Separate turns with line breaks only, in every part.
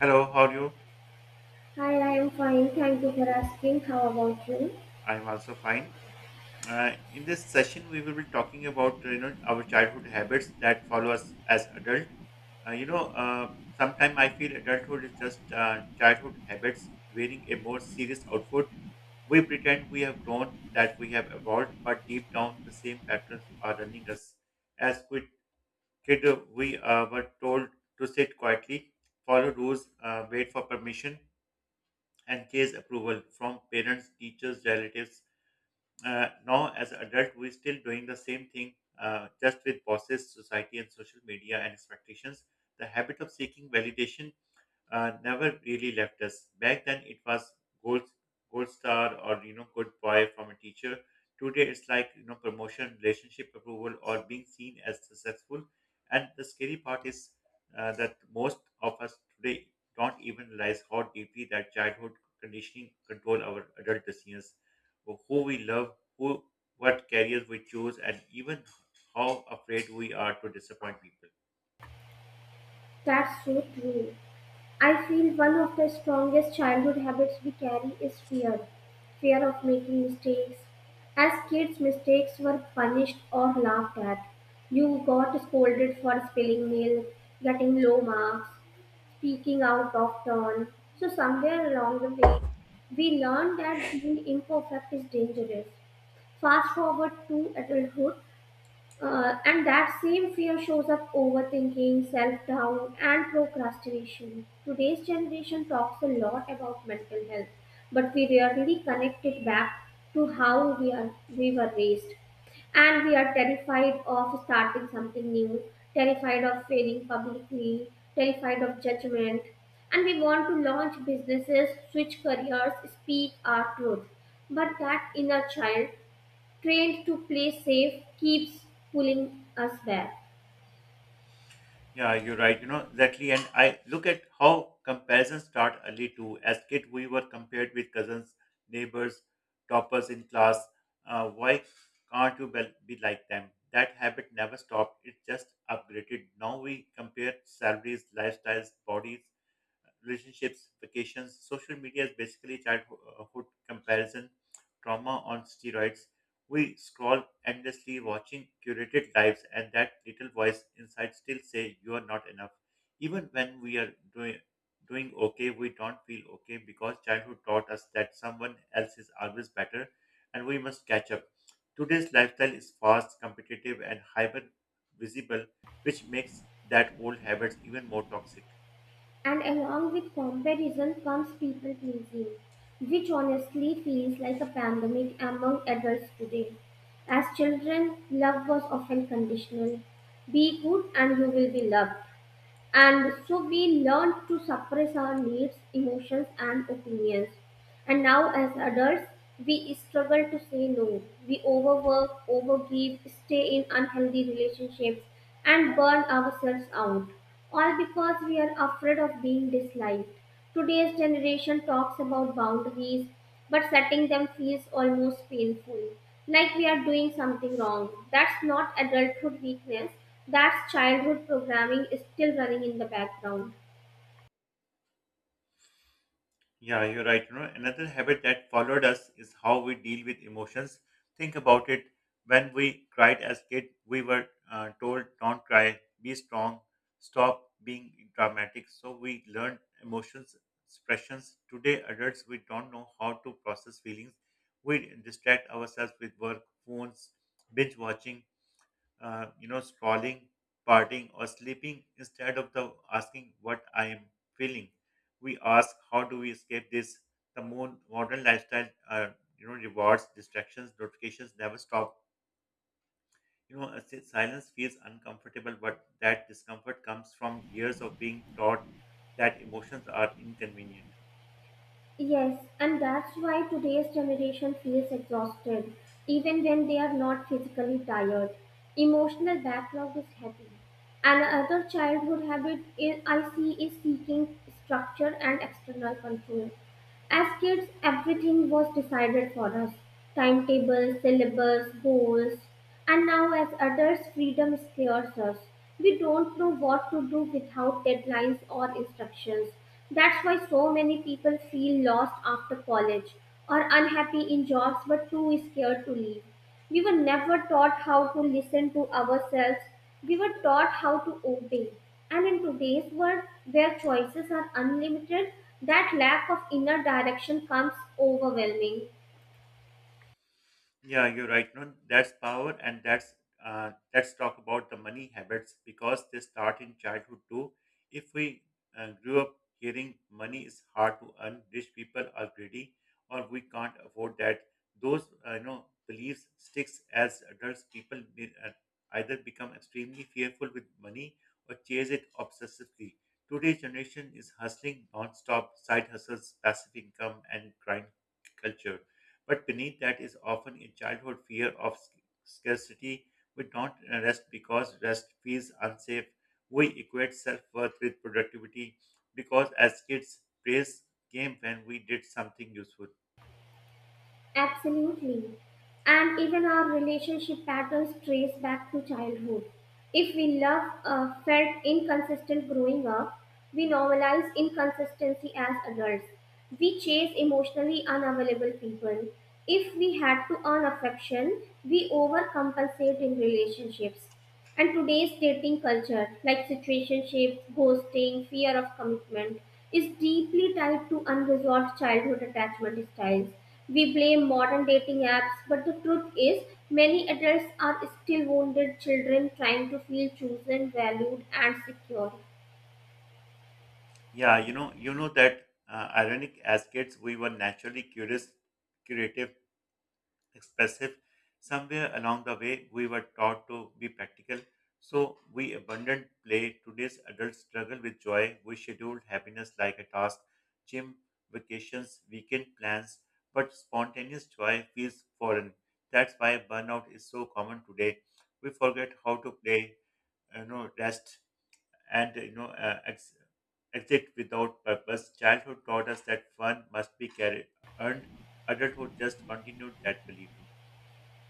Hello, how are you?
Hi, I am fine. Thank you for asking. How about you?
I'm also fine. In this session, we will be talking about our childhood habits that follow us as adult. Uh, you know, uh, sometimes I feel adulthood is just childhood habits wearing a more serious outfit. We pretend we have grown, that we have evolved, but deep down, the same patterns are running us. As quit kid, we were told to sit quietly, follow rules, wait for permission, and chase approval from parents, teachers, relatives. Now as adult we're still doing the same thing, just with bosses, society, and social media, and expectations. The habit of seeking validation never really left us. Back then, it was gold, gold star, or good boy from a teacher. Today, it's like, promotion, relationship approval, or being seen as successful. And the scary part is that most of us today don't even realize how deeply that childhood conditioning control our adult decisions, who we love, who what careers we choose, and even how afraid we are to disappoint people.
That's so true. I feel one of the strongest childhood habits we carry is fear, of making mistakes. As kids, mistakes were punished or laughed at. You got scolded for spilling milk, getting low marks, speaking out of turn. So, somewhere along the way, we learned that being imperfect is dangerous. Fast forward to adulthood, and that same fear shows up overthinking, self doubt, and procrastination. Today's generation talks a lot about mental health, but we rarely connect it back to how we were raised. And we are terrified of starting something new, terrified of failing publicly, terrified of judgment, and we want to launch businesses, switch careers, speak our truth. But that inner child trained to play safe, keeps pulling us back.
Yeah, you're right. Exactly. And I look at how comparisons start early too. As kid, we were compared with cousins, neighbors, toppers in class. Why can't you be like them? That habit never stopped. It just upgraded. Now we compare salaries, lifestyles, bodies, relationships, vacations. Social media is basically childhood comparison, trauma on steroids. We scroll endlessly, watching curated lives, and that little voice inside still say you are not enough. Even when we are doing okay, we don't feel okay, because childhood taught us that someone else is always better, and we must catch up. Today's lifestyle is fast, competitive, and hyper visible, which makes that old habits even more toxic.
And along with comparison comes people pleasing, which honestly feels like a pandemic among adults today. As children, love was often conditional, be good and you will be loved, and so we learn to suppress our needs, emotions, and opinions. And now, as adults, we struggle to say no. We overwork, overgive, stay in unhealthy relationships, and burn ourselves out, all because we are afraid of being disliked. Today's generation talks about boundaries, but setting them feels almost painful, like we are doing something wrong. That's not adulthood weakness, that's childhood programming is still running in the background.
Yeah, you're right. Another habit that followed us is how we deal with emotions. Think about it. When we cried as kid, we were told, "Don't cry, be strong, stop being dramatic." So we learned emotions expressions. Today, adults, we don't know how to process feelings. We distract ourselves with work, phones, binge watching, scrolling, partying, or sleeping instead of the asking what I am feeling. We ask, how do we escape this? The modern lifestyle, rewards, distractions, notifications never stop. A silence feels uncomfortable, but that discomfort comes from years of being taught that emotions are inconvenient.
Yes, and that's why today's generation feels exhausted, even when they are not physically tired. Emotional backlog is heavy. Another childhood habit is, I see, is seeking structure and external control. As kids, everything was decided for us, timetables, syllabus, goals. And now, as adults, freedom scares us. We don't know what to do without deadlines or instructions. That's why so many people feel lost after college or unhappy in jobs but too scared to leave. We were never taught how to listen to ourselves, we were taught how to obey. And in today's world, where choices are unlimited, that lack of inner direction comes overwhelming.
Yeah, you're right. No, that's power, and that's let's talk about the money habits, because they start in childhood too. If we grew up hearing money is hard to earn, rich people are greedy, or we can't afford that, those beliefs sticks as adults. People either become extremely fearful with money, or chase it obsessively. Today's generation is hustling non-stop, side hustles, passive income, and grind culture. But beneath that is often a childhood fear of scarcity. We don't rest because rest feels unsafe. We equate self worth with productivity because as kids, praise came when we did something useful.
Absolutely. And even our relationship patterns trace back to childhood. If we love felt inconsistent growing up, we normalize inconsistency as adults. We chase emotionally unavailable people. If we had to earn affection, we overcompensate in relationships. And today's dating culture, like situationships, ghosting, fear of commitment, is deeply tied to unresolved childhood attachment styles. We blame modern dating apps, but the truth is, many adults are still wounded children trying to feel chosen, valued, and secure.
Yeah, that ironic as kids, we were naturally curious, creative, expressive. Somewhere along the way, we were taught to be practical, so we abandoned play. Today's adults struggle with joy. We schedule happiness like a task, gym, vacations, weekend plans, but spontaneous joy feels foreign. That's why burnout is so common today. We forget how to play, rest, and exit without purpose. Childhood taught us that fun must be carried, earned. Adulthood just continued that belief.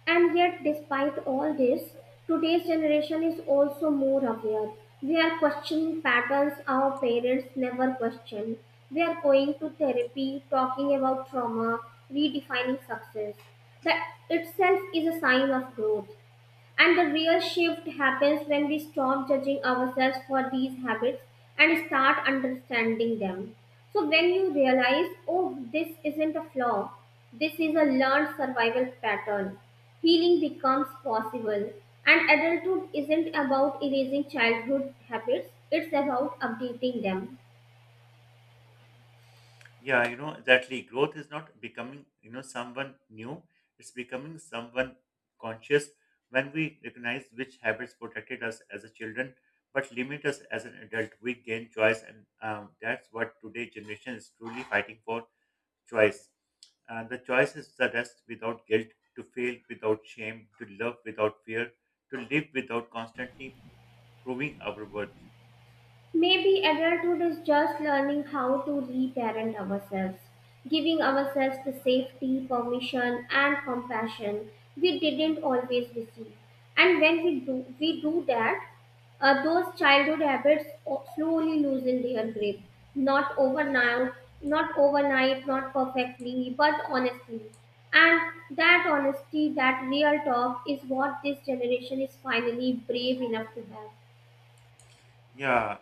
And yet, despite all this, today's generation is also more aware. We are questioning patterns our parents never questioned. We are going to therapy, talking about trauma, redefining success. That itself is a sign of growth. And the real shift happens when we stop judging ourselves for these habits and start understanding them. So, when you realize, oh, this isn't a flaw, this is a learned survival pattern, healing becomes possible. And adulthood isn't about erasing childhood habits, it's about updating them.
Yeah, exactly. Growth is not becoming, someone new. It's becoming someone conscious when we recognize which habits protected us as a children but limit us as an adult. We gain choice, and that's what today generation is truly fighting for: choice. The choice is the rest without guilt, to fail without shame, to love without fear, to live without constantly proving our worth.
Maybe adulthood is just learning how to reparent ourselves, giving ourselves the safety, permission, and compassion we didn't always receive. And when we do that, those childhood habits slowly loosen their grip. Not overnight, not perfectly, but honestly. And that honesty, that real talk, is what this generation is finally brave enough to have.
Yeah.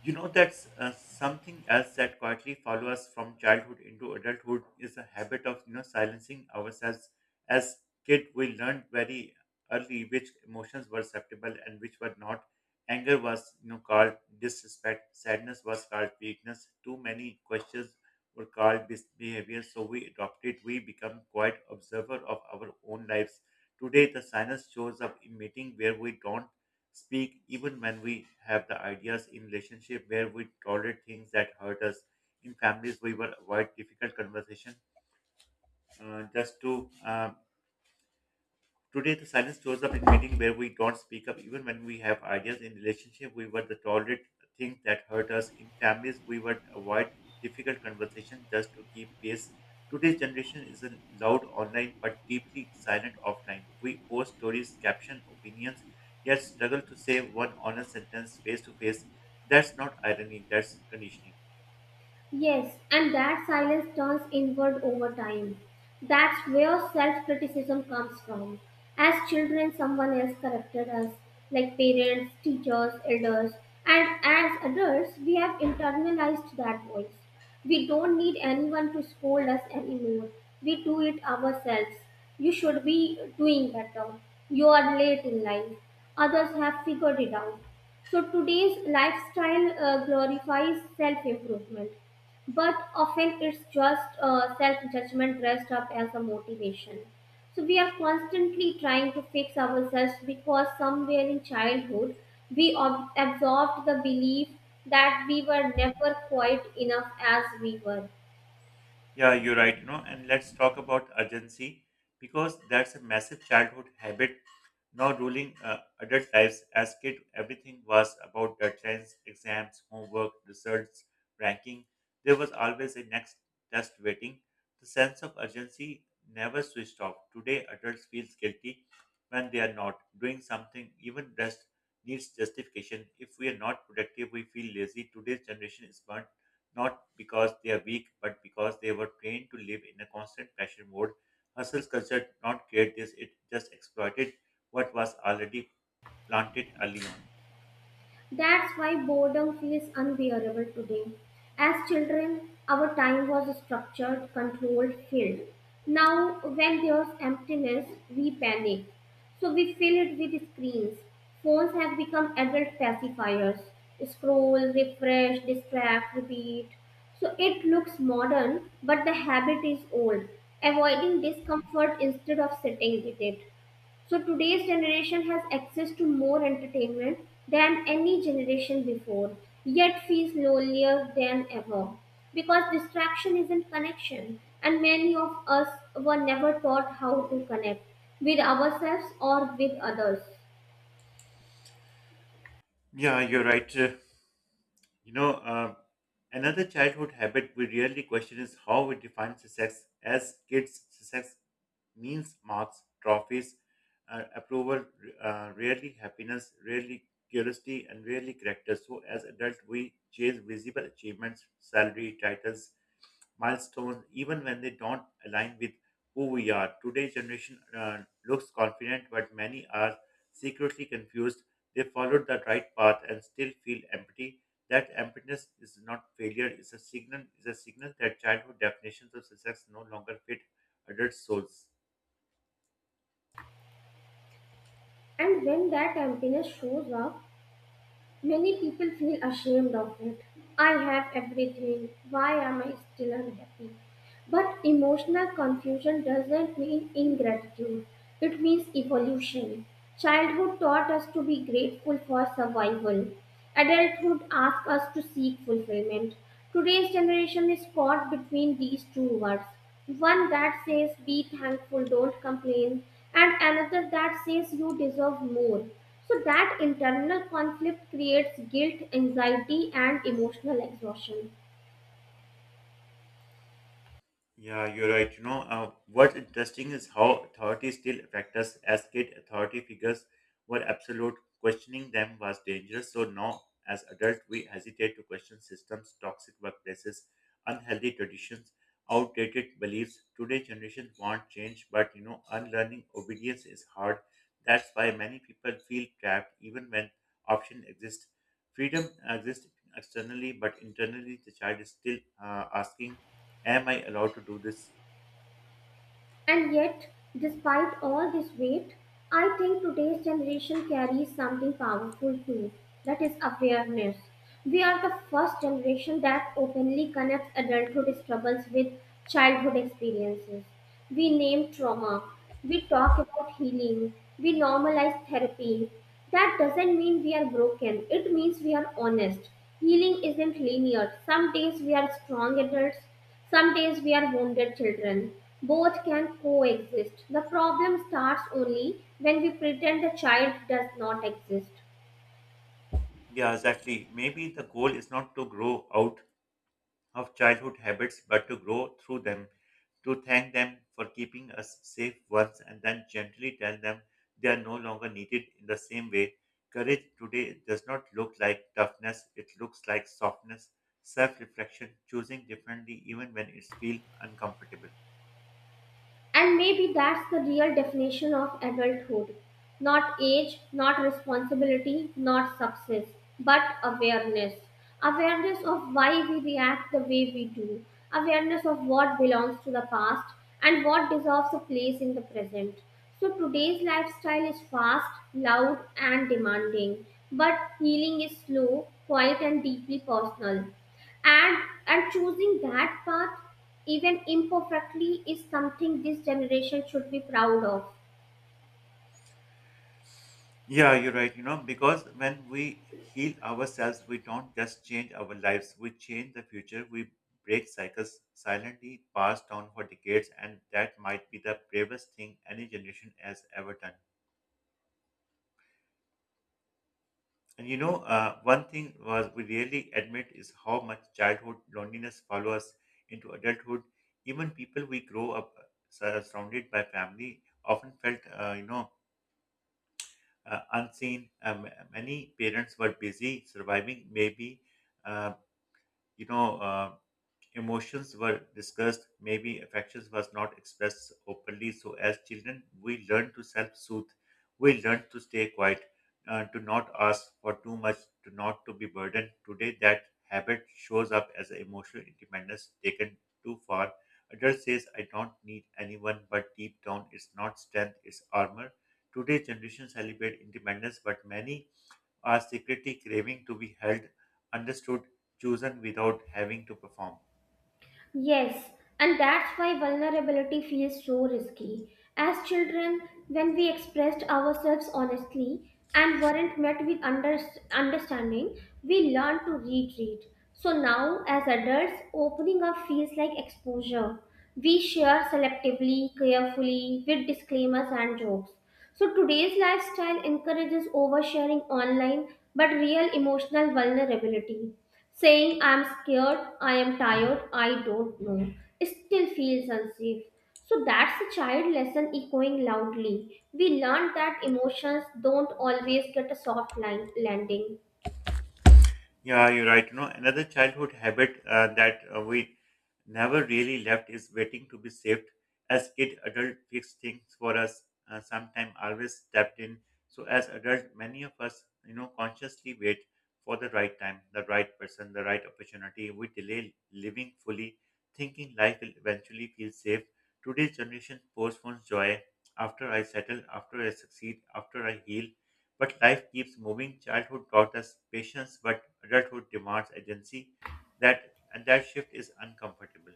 You know, that's something else that quietly follows us from childhood into adulthood is a habit of silencing ourselves. As kid, we learned very early which emotions were acceptable and which were not. Anger was called disrespect. Sadness was called weakness. Too many questions were called misbehavior. So we adopted. We become quite observer of our own lives. Today, the silence shows up in meeting where we don't speak even when we have the ideas, in relationship where we tolerate things that hurt us, in families we will avoid difficult conversation, just to Today, the silence shows up in meeting where we don't speak up even when we have ideas. In relationship, we were the tolerate things that hurt us. In families, we would avoid difficult conversation just to keep pace. Today's generation is a loud online but deeply silent offline. We post stories, caption opinions, yet struggle to say one honest sentence face to face. That's not irony, that's conditioning.
Yes, and that silence turns inward over time. That's where self criticism comes from. As children, someone else corrected us, like parents, teachers, elders, and as adults, we have internalized that voice. We don't need anyone to scold us anymore. We do it ourselves. You should be doing better. You are late in life. Others have figured it out. So today's lifestyle glorifies self improvement, but often it's just self judgment dressed up as a motivation. So we are constantly trying to fix ourselves because somewhere in childhood we absorbed the belief that we were never quite enough as we were.
Yeah, you're right, and let's talk about urgency, because that's a massive childhood habit now ruling adult lives. As kid, everything was about deadlines, exams, homework, results, ranking. There was always a next test waiting. The sense of urgency never switched off. Today, adults feel guilty when they are not doing something. Even rest needs justification. If we are not productive, we feel lazy. Today's generation is burnt not because they are weak, but because they were trained to live in a constant pressure mode. Hustle culture did not create this; it just exploited what was already planted early on.
That's why boredom feels unbearable today. As children, our time was structured, controlled, filled. Now, when there's emptiness, we panic. So we fill it with screens. Phones have become adult pacifiers. Scroll, refresh, distract, repeat. So it looks modern, but the habit is old. Avoiding discomfort instead of sitting with it. So today's generation has access to more entertainment than any generation before, yet feels lonelier than ever because distraction isn't connection, and many of us were never taught how to connect with ourselves or with others.
Yeah, you're right. You know, uh, another childhood habit we rarely question is how we define success. As kids, success means marks, trophies, approval, rarely happiness, rarely curiosity, and rarely character. So, as adults, we chase visible achievements, salary, titles, milestones, even when they don't align with who we are. Today's generation looks confident, but many are secretly confused. They followed the right path and still feel empty. That emptiness is not failure; it's a signal. It's a signal that childhood definitions of success no longer fit adult souls.
And when that emptiness shows up, many people feel ashamed of it. I have everything. Why am I still unhappy? But emotional confusion doesn't mean ingratitude, it means evolution. Childhood taught us to be grateful for survival, adulthood asks us to seek fulfillment. Today's generation is caught between these two words, one that says, be thankful, don't complain, and another that says, you deserve more. So, that internal conflict creates guilt, anxiety, and emotional exhaustion.
Yeah, you're right. What's interesting is how authorities still affect us. As kid, authority figures were absolute. Questioning them was dangerous. So now, as adults, we hesitate to question systems, toxic workplaces, unhealthy traditions, outdated beliefs. Today, generation want change, but unlearning obedience is hard. That's why many people feel trapped, even when option exists. Freedom exists externally, but internally, the child is still asking, "Am I allowed to do this?"
And yet, despite all this weight, I think today's generation carries something powerful too, that is, awareness. We are the first generation that openly connects adulthood struggles with childhood experiences. We name trauma, we talk about healing, we normalize therapy. That doesn't mean we are broken, it means we are honest. Healing isn't linear. Some days we are strong adults, some days we are wounded children. Both can coexist. The problem starts only when we pretend the child does not exist.
Yeah, exactly. Maybe the goal is not to grow out of childhood habits, but to grow through them, to thank them for keeping us safe once and then gently tell them they are no longer needed in the same way. Courage today does not look like toughness, it looks like softness, self reflection, choosing differently even when it feels uncomfortable.
And maybe that's the real definition of adulthood, not age, not responsibility, not success, but awareness. Awareness of why we react the way we do, awareness of what belongs to the past and what deserves a place in the present. So today's lifestyle is fast, loud, and demanding, but healing is slow, quiet, and deeply personal, and and choosing that path, even imperfectly, is something this generation should be proud of.
Yeah, you're right. Because when we heal ourselves, we don't just change our lives, we change the future. We break cycles silently passed down for decades, and that might be the bravest thing any generation has ever done. And one thing was we really admit is how much childhood loneliness follows us into adulthood. Even people we grow up surrounded by family often felt, unseen. Many parents were busy surviving, maybe, uh, you know. Uh, Emotions were discussed, maybe affections was not expressed openly. So as children, we learn to self-soothe. We learn to stay quiet, to not ask for too much, to not to be burdened. Today, that habit shows up as emotional independence taken too far. Adult says, "I don't need anyone," but deep down, it's not strength, it's armor. Today's generation celebrate independence, but many are secretly craving to be held, understood, chosen without having to perform.
Yes, and that's why vulnerability feels so risky. As children, when we expressed ourselves honestly and weren't met with understanding, we learned to retreat. So now, as adults, opening up feels like exposure. We share selectively, carefully, with disclaimers and jokes. So today's lifestyle encourages oversharing online but real emotional vulnerability. Saying I'm scared, I am tired, I don't know, still feels unsafe. So that's a child lesson echoing loudly. We learned that emotions don't always get a soft line landing.
Yeah, you're right. Another childhood habit that we never really left is waiting to be saved. As kid, adult fixed things for us. Sometime always stepped in. So as adult, many of us, consciously wait for the right time, the right person, the right opportunity. We delay living fully, thinking life will eventually feel safe. Today's generation postpones joy. After I settle, after I succeed, after I heal, but life keeps moving. Childhood taught us patience, but adulthood demands agency. That shift is uncomfortable.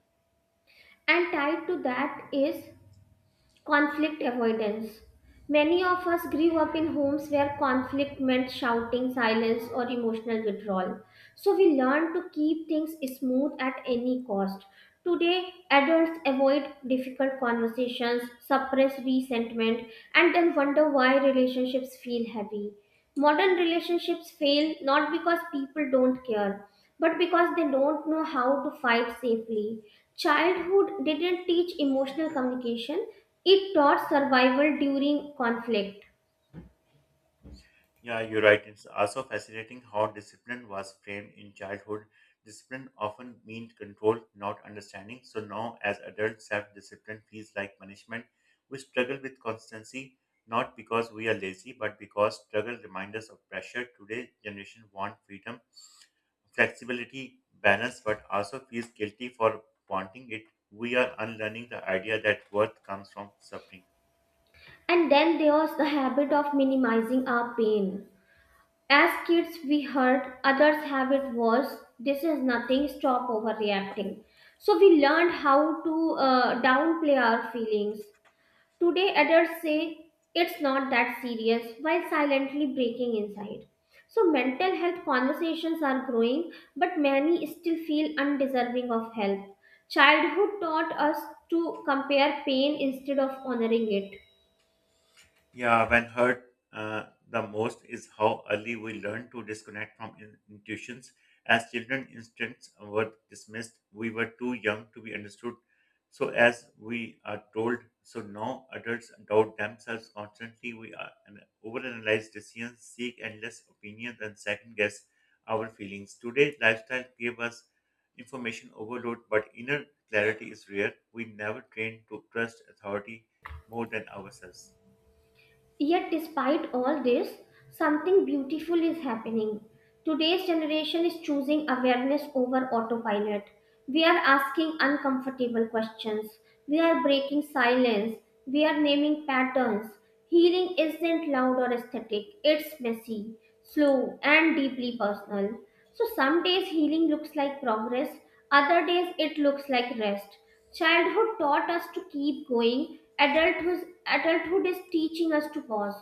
And tied to that is conflict avoidance. Many of us grew up in homes where conflict meant shouting, silence, or emotional withdrawal. So we learned to keep things smooth at any cost. Today, adults avoid difficult conversations, suppress resentment, and then wonder why relationships feel heavy. Modern relationships fail not because people don't care, but because they don't know how to fight safely. Childhood didn't teach emotional communication, it taught survival during conflict.
Yeah, you're right. It's also fascinating how discipline was framed in childhood. Discipline often means control, not understanding. So now, as adults, self-discipline feels like punishment. We struggle with constancy, not because we are lazy, but because struggle reminds us of pressure. Today, generation want freedom, flexibility, balance, but also feels guilty for wanting it. We are unlearning the idea that worth comes from suffering.
And then there was the habit of minimizing our pain. As kids, we heard others' habit was this is nothing, stop overreacting. So we learned how to downplay our feelings. Today, adults say it's not that serious while silently breaking inside. So, mental health conversations are growing, but many still feel undeserving of help. Childhood taught us to compare pain instead of honoring it.
Yeah, when hurt the most is how early we learn to disconnect from intuitions. As children, instincts were dismissed. We were too young to be understood. So, as we are told, so now adults doubt themselves constantly. We are an overanalyze decisions, seek endless opinions, and second guess our feelings. Today, lifestyle gave us information overload, but inner clarity is rare. We never train to trust authority more than ourselves.
Yet, despite all this, something beautiful is happening. Today's generation is choosing awareness over autopilot. We are asking uncomfortable questions. We are breaking silence. We are naming patterns. Healing isn't loud or aesthetic, it's messy, slow, and deeply personal. So, some days healing looks like progress, other days it looks like rest. Childhood taught us to keep going, adulthood is teaching us to pause.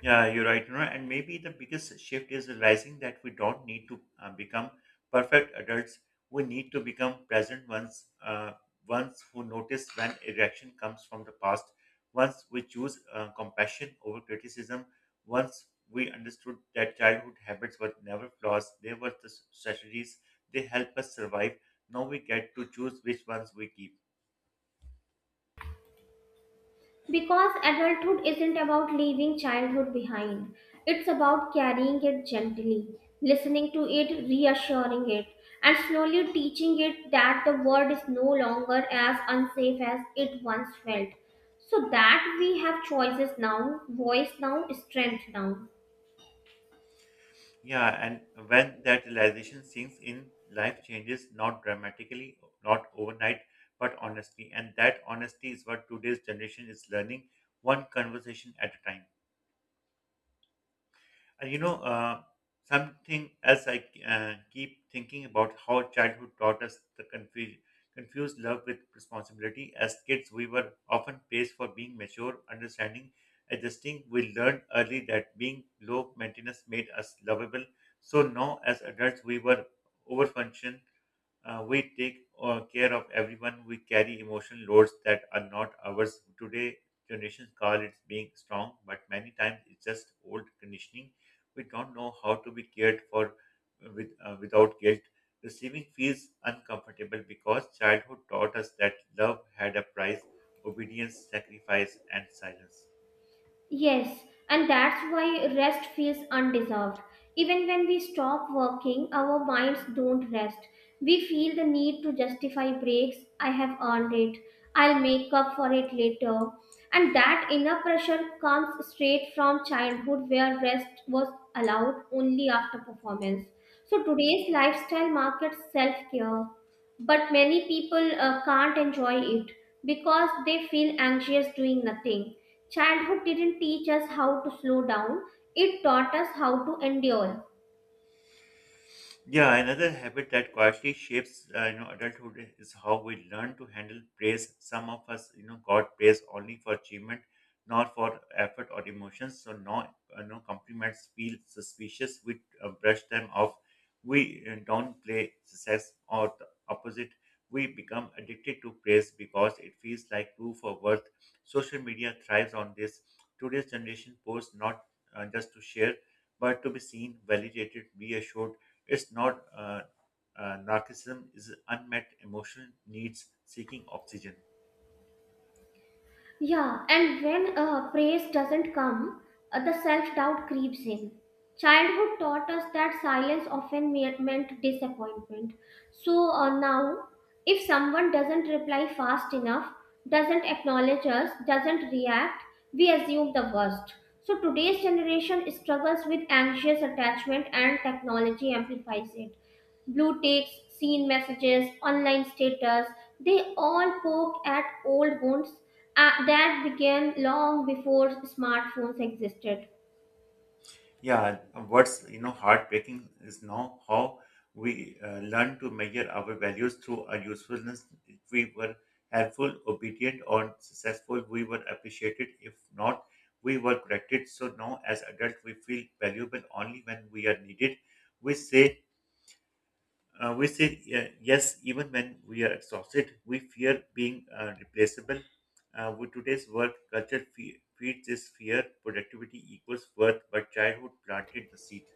Yeah, you're right. You know, and maybe the biggest shift is realizing that we don't need to become perfect adults. We need to become present ones, ones who notice when a reaction comes from the past, once we choose compassion over criticism, once we understood that childhood habits were never flaws, they were the strategies, they help us survive. Now we get to choose which ones we keep.
Because adulthood isn't about leaving childhood behind, it's about carrying it gently, listening to it, reassuring it, and slowly teaching it that the world is no longer as unsafe as it once felt. So that we have choices now, voice now, strength now.
Yeah, and when that realization sinks in, life changes not dramatically, not overnight, but honestly. And that honesty is what today's generation is learning, one conversation at a time. And you know, something else I keep thinking about how childhood taught us the confuse love with responsibility. As kids, we were often praised for being mature, understanding, adjusting. We learned early that being low maintenance made us lovable. So now, as adults, we were overfunctioned, we take care of everyone. We carry emotional loads that are not ours. Today, generations call it being strong, but many times it's just old conditioning. We don't know how to be cared for with, without guilt. Receiving feels uncomfortable because childhood taught us that love had a price, obedience, sacrifice, and silence.
Yes, and that's why rest feels undeserved. Even when we stop working, our minds don't rest. We feel the need to justify breaks. I have earned it. I'll make up for it later. And that inner pressure comes straight from childhood where rest was allowed only after performance. So today's lifestyle markets self care, but many people can't enjoy it because they feel anxious doing nothing. Childhood didn't teach us how to slow down, it taught us how to endure.
Yeah, another habit that quietly shapes, adulthood is how we learn to handle praise. Some of us, got praise only for achievement, not for effort or emotions. So, no compliments feel suspicious. We brush them off. We don't play success or the opposite. We become addicted to praise because it feels like proof of worth. Social media thrives on this. Today's generation posts not just to share, but to be seen, validated, reassured. It's not narcissism is unmet emotional needs seeking oxygen.
Yeah, and when praise doesn't come, the self doubt creeps in. Childhood taught us that silence often meant disappointment. So now, if someone doesn't reply fast enough, doesn't acknowledge us, doesn't react, we assume the worst. So today's generation struggles with anxious attachment and technology amplifies it. Blue ticks, seen messages, online status, they all poke at old wounds that began long before smartphones existed.
Yeah, what's heartbreaking is now how we learn to measure our values through our usefulness. If we were helpful, obedient, or successful, we were appreciated. If not, we were corrected. So now, as adults, we feel valuable only when we are needed. We say we say yes even when we are exhausted. We fear being replaceable. With today's work culture feeds this fear. Productivity equals worth, but childhood planted the seed.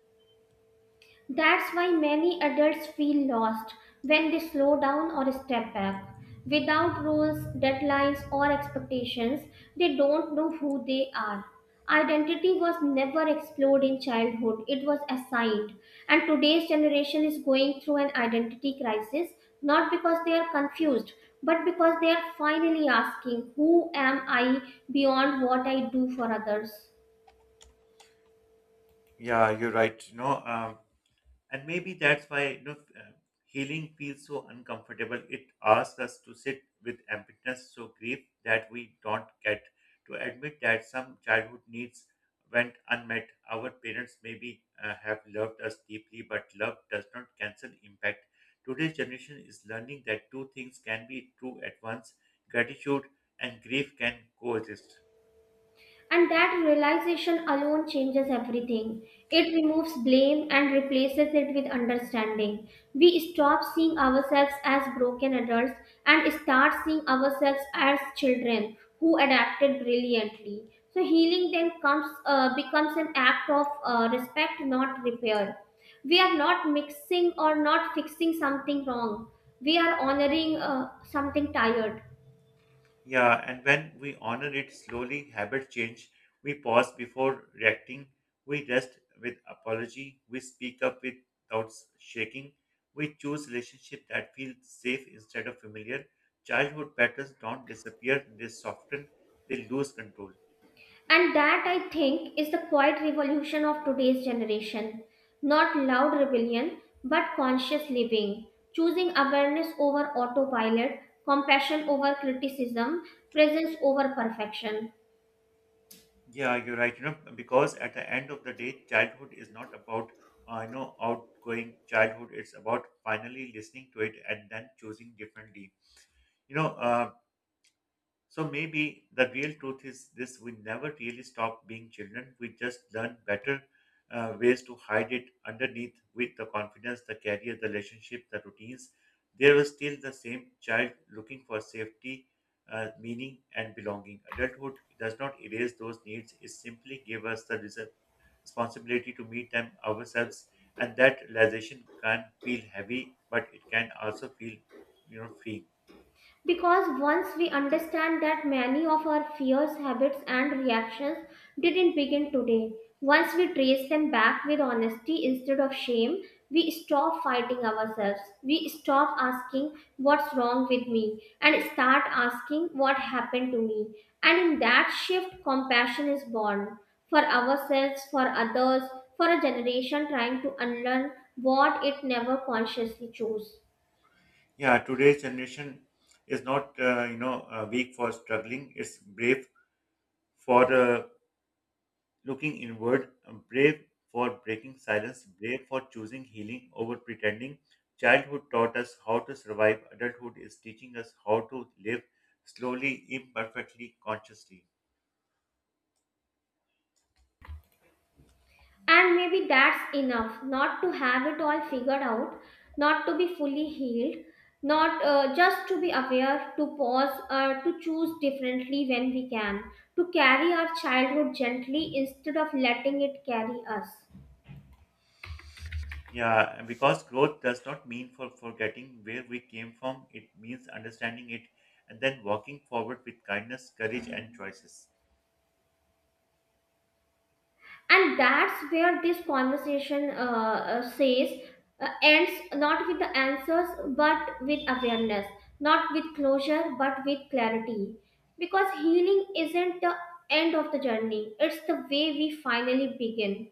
That's why many adults feel lost when they slow down or step back. Without rules, deadlines, or expectations, they don't know who they are. Identity was never explored in childhood, it was assigned. And today's generation is going through an identity crisis, not because they are confused, but because they are finally asking, who am I beyond what I do for others?
Yeah, you're right. And maybe that's why healing feels so uncomfortable. It asks us to sit with emptiness, so grief that we don't get, to admit that some childhood needs went unmet. Our parents maybe have loved us deeply, but love does not cancel impact. Today's generation is learning that two things can be true at once: gratitude and grief can coexist.
And that realization alone changes everything. It removes blame and replaces it with understanding. We stop seeing ourselves as broken adults and start seeing ourselves as children who adapted brilliantly. So healing then comes becomes an act of respect, not repair. We are not mixing or not fixing something wrong. We are honoring something tired.
Yeah, and when we honor it slowly, habit change. We pause before reacting. We rest with apology. We speak up without shaking. We choose relationship that feel safe instead of familiar. Childhood patterns don't disappear, they soften, they lose control.
And that, I think, is the quiet revolution of today's generation. Not loud rebellion, but conscious living, choosing awareness over autopilot, compassion over criticism, presence over perfection.
Yeah, you're right. You know, because at the end of the day, childhood is not about outgoing childhood. It's about finally listening to it and then choosing differently. You know, uh, So maybe the real truth is this: we never really stop being children. We just learn better ways to hide it underneath with the confidence, the career, the relationship, the routines. There was still the same child looking for safety, meaning, and belonging. Adulthood does not erase those needs, it simply gives us the responsibility to meet them ourselves. And that realization can feel heavy, but it can also feel, freeing.
Because once we understand that many of our fears, habits, and reactions didn't begin today, once we trace them back with honesty instead of shame, we stop fighting ourselves. We stop asking what's wrong with me and start asking what happened to me. And in that shift, compassion is born for ourselves, for others, for a generation trying to unlearn what it never consciously chose.
Yeah, today's generation is not weak for struggling. It's brave for looking inward, brave for breaking silence, brave for choosing healing over pretending. Childhood taught us how to survive. Adulthood is teaching us how to live slowly, imperfectly, consciously.
And maybe that's enough, not to have it all figured out, not to be fully healed, not just to be aware, to pause, to choose differently when we can, to carry our childhood gently instead of letting it carry us.
Yeah, and because growth does not mean for forgetting where we came from. It means understanding it and then walking forward with kindness, courage, and choices.
And that's where this conversation says ends, not with the answers but with awareness, not with closure but with clarity, because healing isn't the end of the journey, it's the way we finally begin.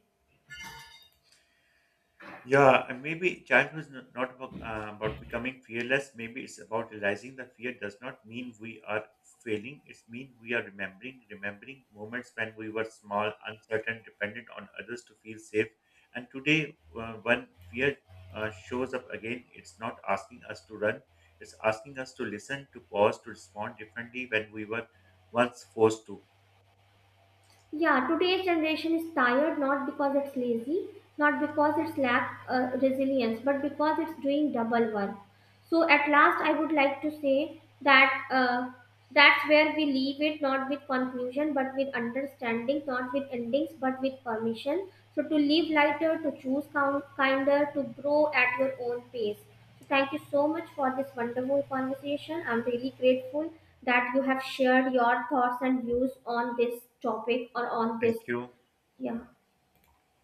Yeah, and maybe childhood is not about becoming fearless. Maybe it's about realizing that fear does not mean we are failing. It's mean we are remembering moments when we were small, uncertain, dependent on others to feel safe. And today, when fear shows up again, it's not asking us to run. It's asking us to listen, to pause, to respond differently when we were once forced to.
Yeah, today's generation is tired, not because it's lazy, not because it's lack resilience, but because it's doing double work. So at last, I would like to say that that's where we leave it, not with conclusion, but with understanding, not with endings, but with permission. So to live lighter, to choose count, kinder, to grow at your own pace. So thank you so much for this wonderful conversation. I'm really grateful that you have shared your thoughts and views on this topic or on this.
Thank you.
Yeah.